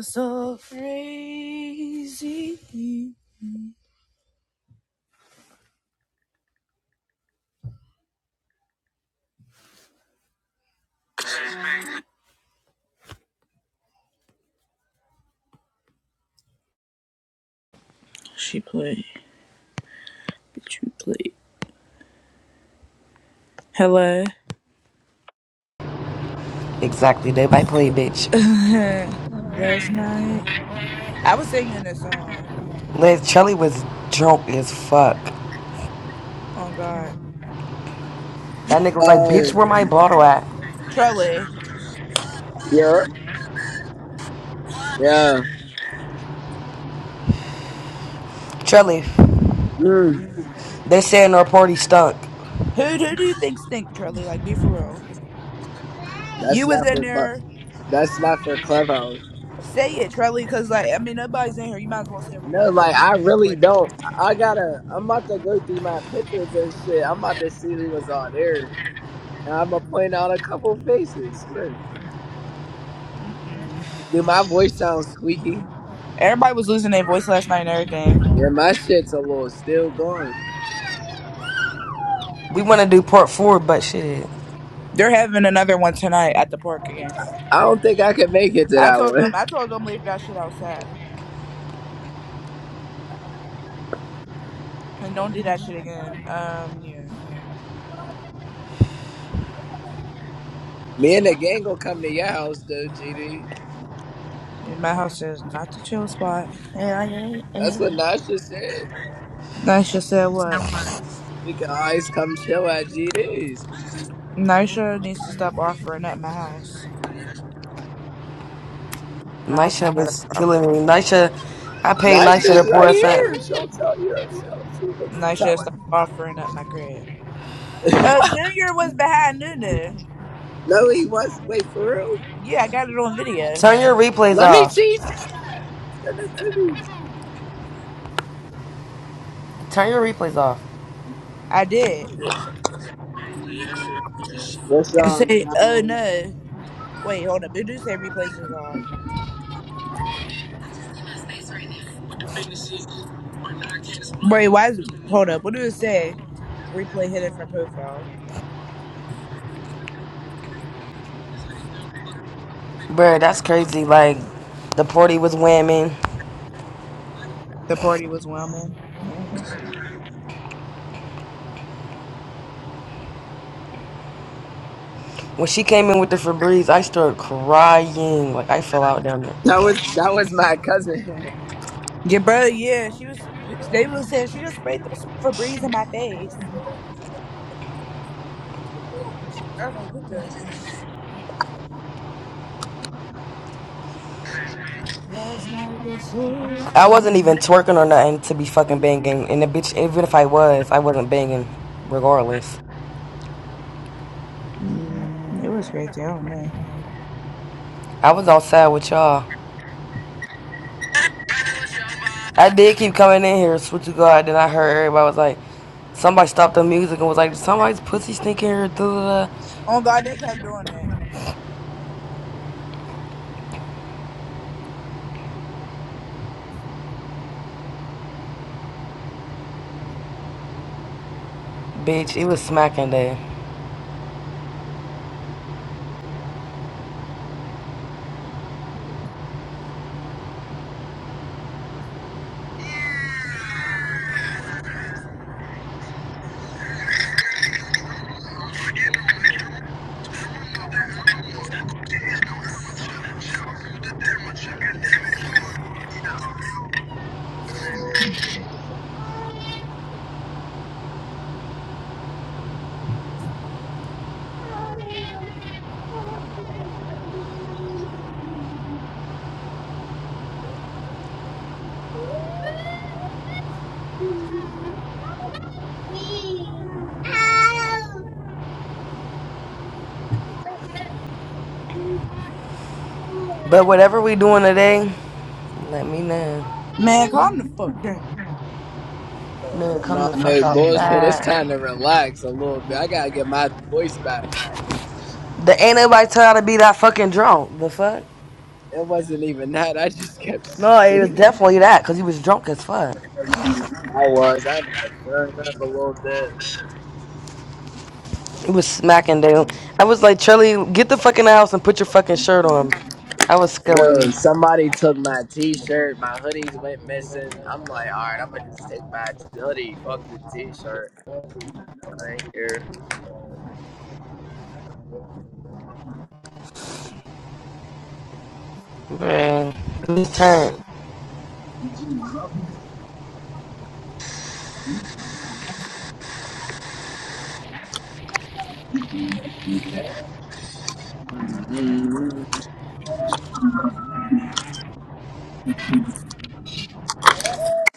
so crazy. She played. you played. Hello. Exactly. they might play, bitch. Last night, I was singing this song. Liz, Charlie was drunk as fuck. Oh God, That nigga was like, bitch, Oh, where my bottle at? Trelly. yeah, yeah. Charlie, Mm, they saying our party stunk. Who who do you think stink, Trelly? Like, be for real. that's You was not in for club. there. That's not for clubhouse. Say it, Trelly, because like I mean, nobody's in here. You might as well say it real quick No, before like people I start. really Right? don't. I gotta. I'm about to go through my pictures and shit. I'm about to see who was all there, and I'm gonna point out a couple faces. Swear. Mm-mm. Do my voice sound squeaky? Everybody was losing their voice last night and everything. Yeah, my shit's a little still gone. We want to do part four, but shit. They're having another one tonight at the park again. I don't think I can make it to I that told them. one. I told them leave that shit outside. And don't do that shit again. Um, yeah. Me and the gang gonna come to your house though, GD. Yeah, My house is not the chill spot. And I ain't. That's and- what Nasha said. Nisha said what? We can always come chill at GD's. Nisha needs to stop offering up my house. My house is Nisha not was a problem. killing me. Nisha, I paid Nice Nisha to is pour right us up. here. She'll tell you herself. She was Nisha telling. stop offering up my crib. Uh, Junior was behind Nunu. No, he was. Wait for real. Yeah, I got it on video. Turn your replays Let me off. see. Send it to me. Turn your replays off. I did. What's And wrong, say, oh family? no. Wait, hold up. It do say replays is off. Wait, why is it? Hold up. What do it say? Replay hidden from profile. Bruh, that's crazy. Like, the party was whamming. The party was Wellman. When she came in with the Febreze, I started crying. Like, I fell out down there. That was that was my cousin. Yeah, bro. Yeah, she was. They was saying she just sprayed the Febreze in my face. I was like, what the? Last night was so I good. wasn't even twerking or nothing to be fucking banging. And the bitch, even if I was, I wasn't banging regardless. Mm, it was crazy. I don't know. I was outside with y'all. I did keep coming in here, switch to God. Then I heard everybody was like, somebody stopped the music and was like, somebody's pussy stinking here. Duh, duh, Oh God, they kept doing that. Bitch, it was smacking there. But whatever we doing today, let me know. Man, calm the fuck down. Man, come no, the fuck no out of that. bullshit. It's time to relax a little bit. I gotta get my voice back. There ain't nobody tell y'all to be that fucking drunk. The fuck? It wasn't even that. I just kept No, it was screaming. definitely that, because he was drunk as fuck. I was. I ended up throwing up a little bit. It was smacking down. I was like, Charlie, get the fucking house and put your fucking shirt on. I was scaring Bro, you. somebody took my t-shirt. My hoodies went missing. I'm like, all right, I'm gonna just take my hoodie. Fuck the t-shirt. Like, er, Man, this turn.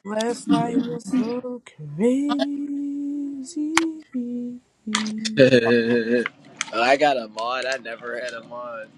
Last night was so crazy. I got a mod. I never had a mod.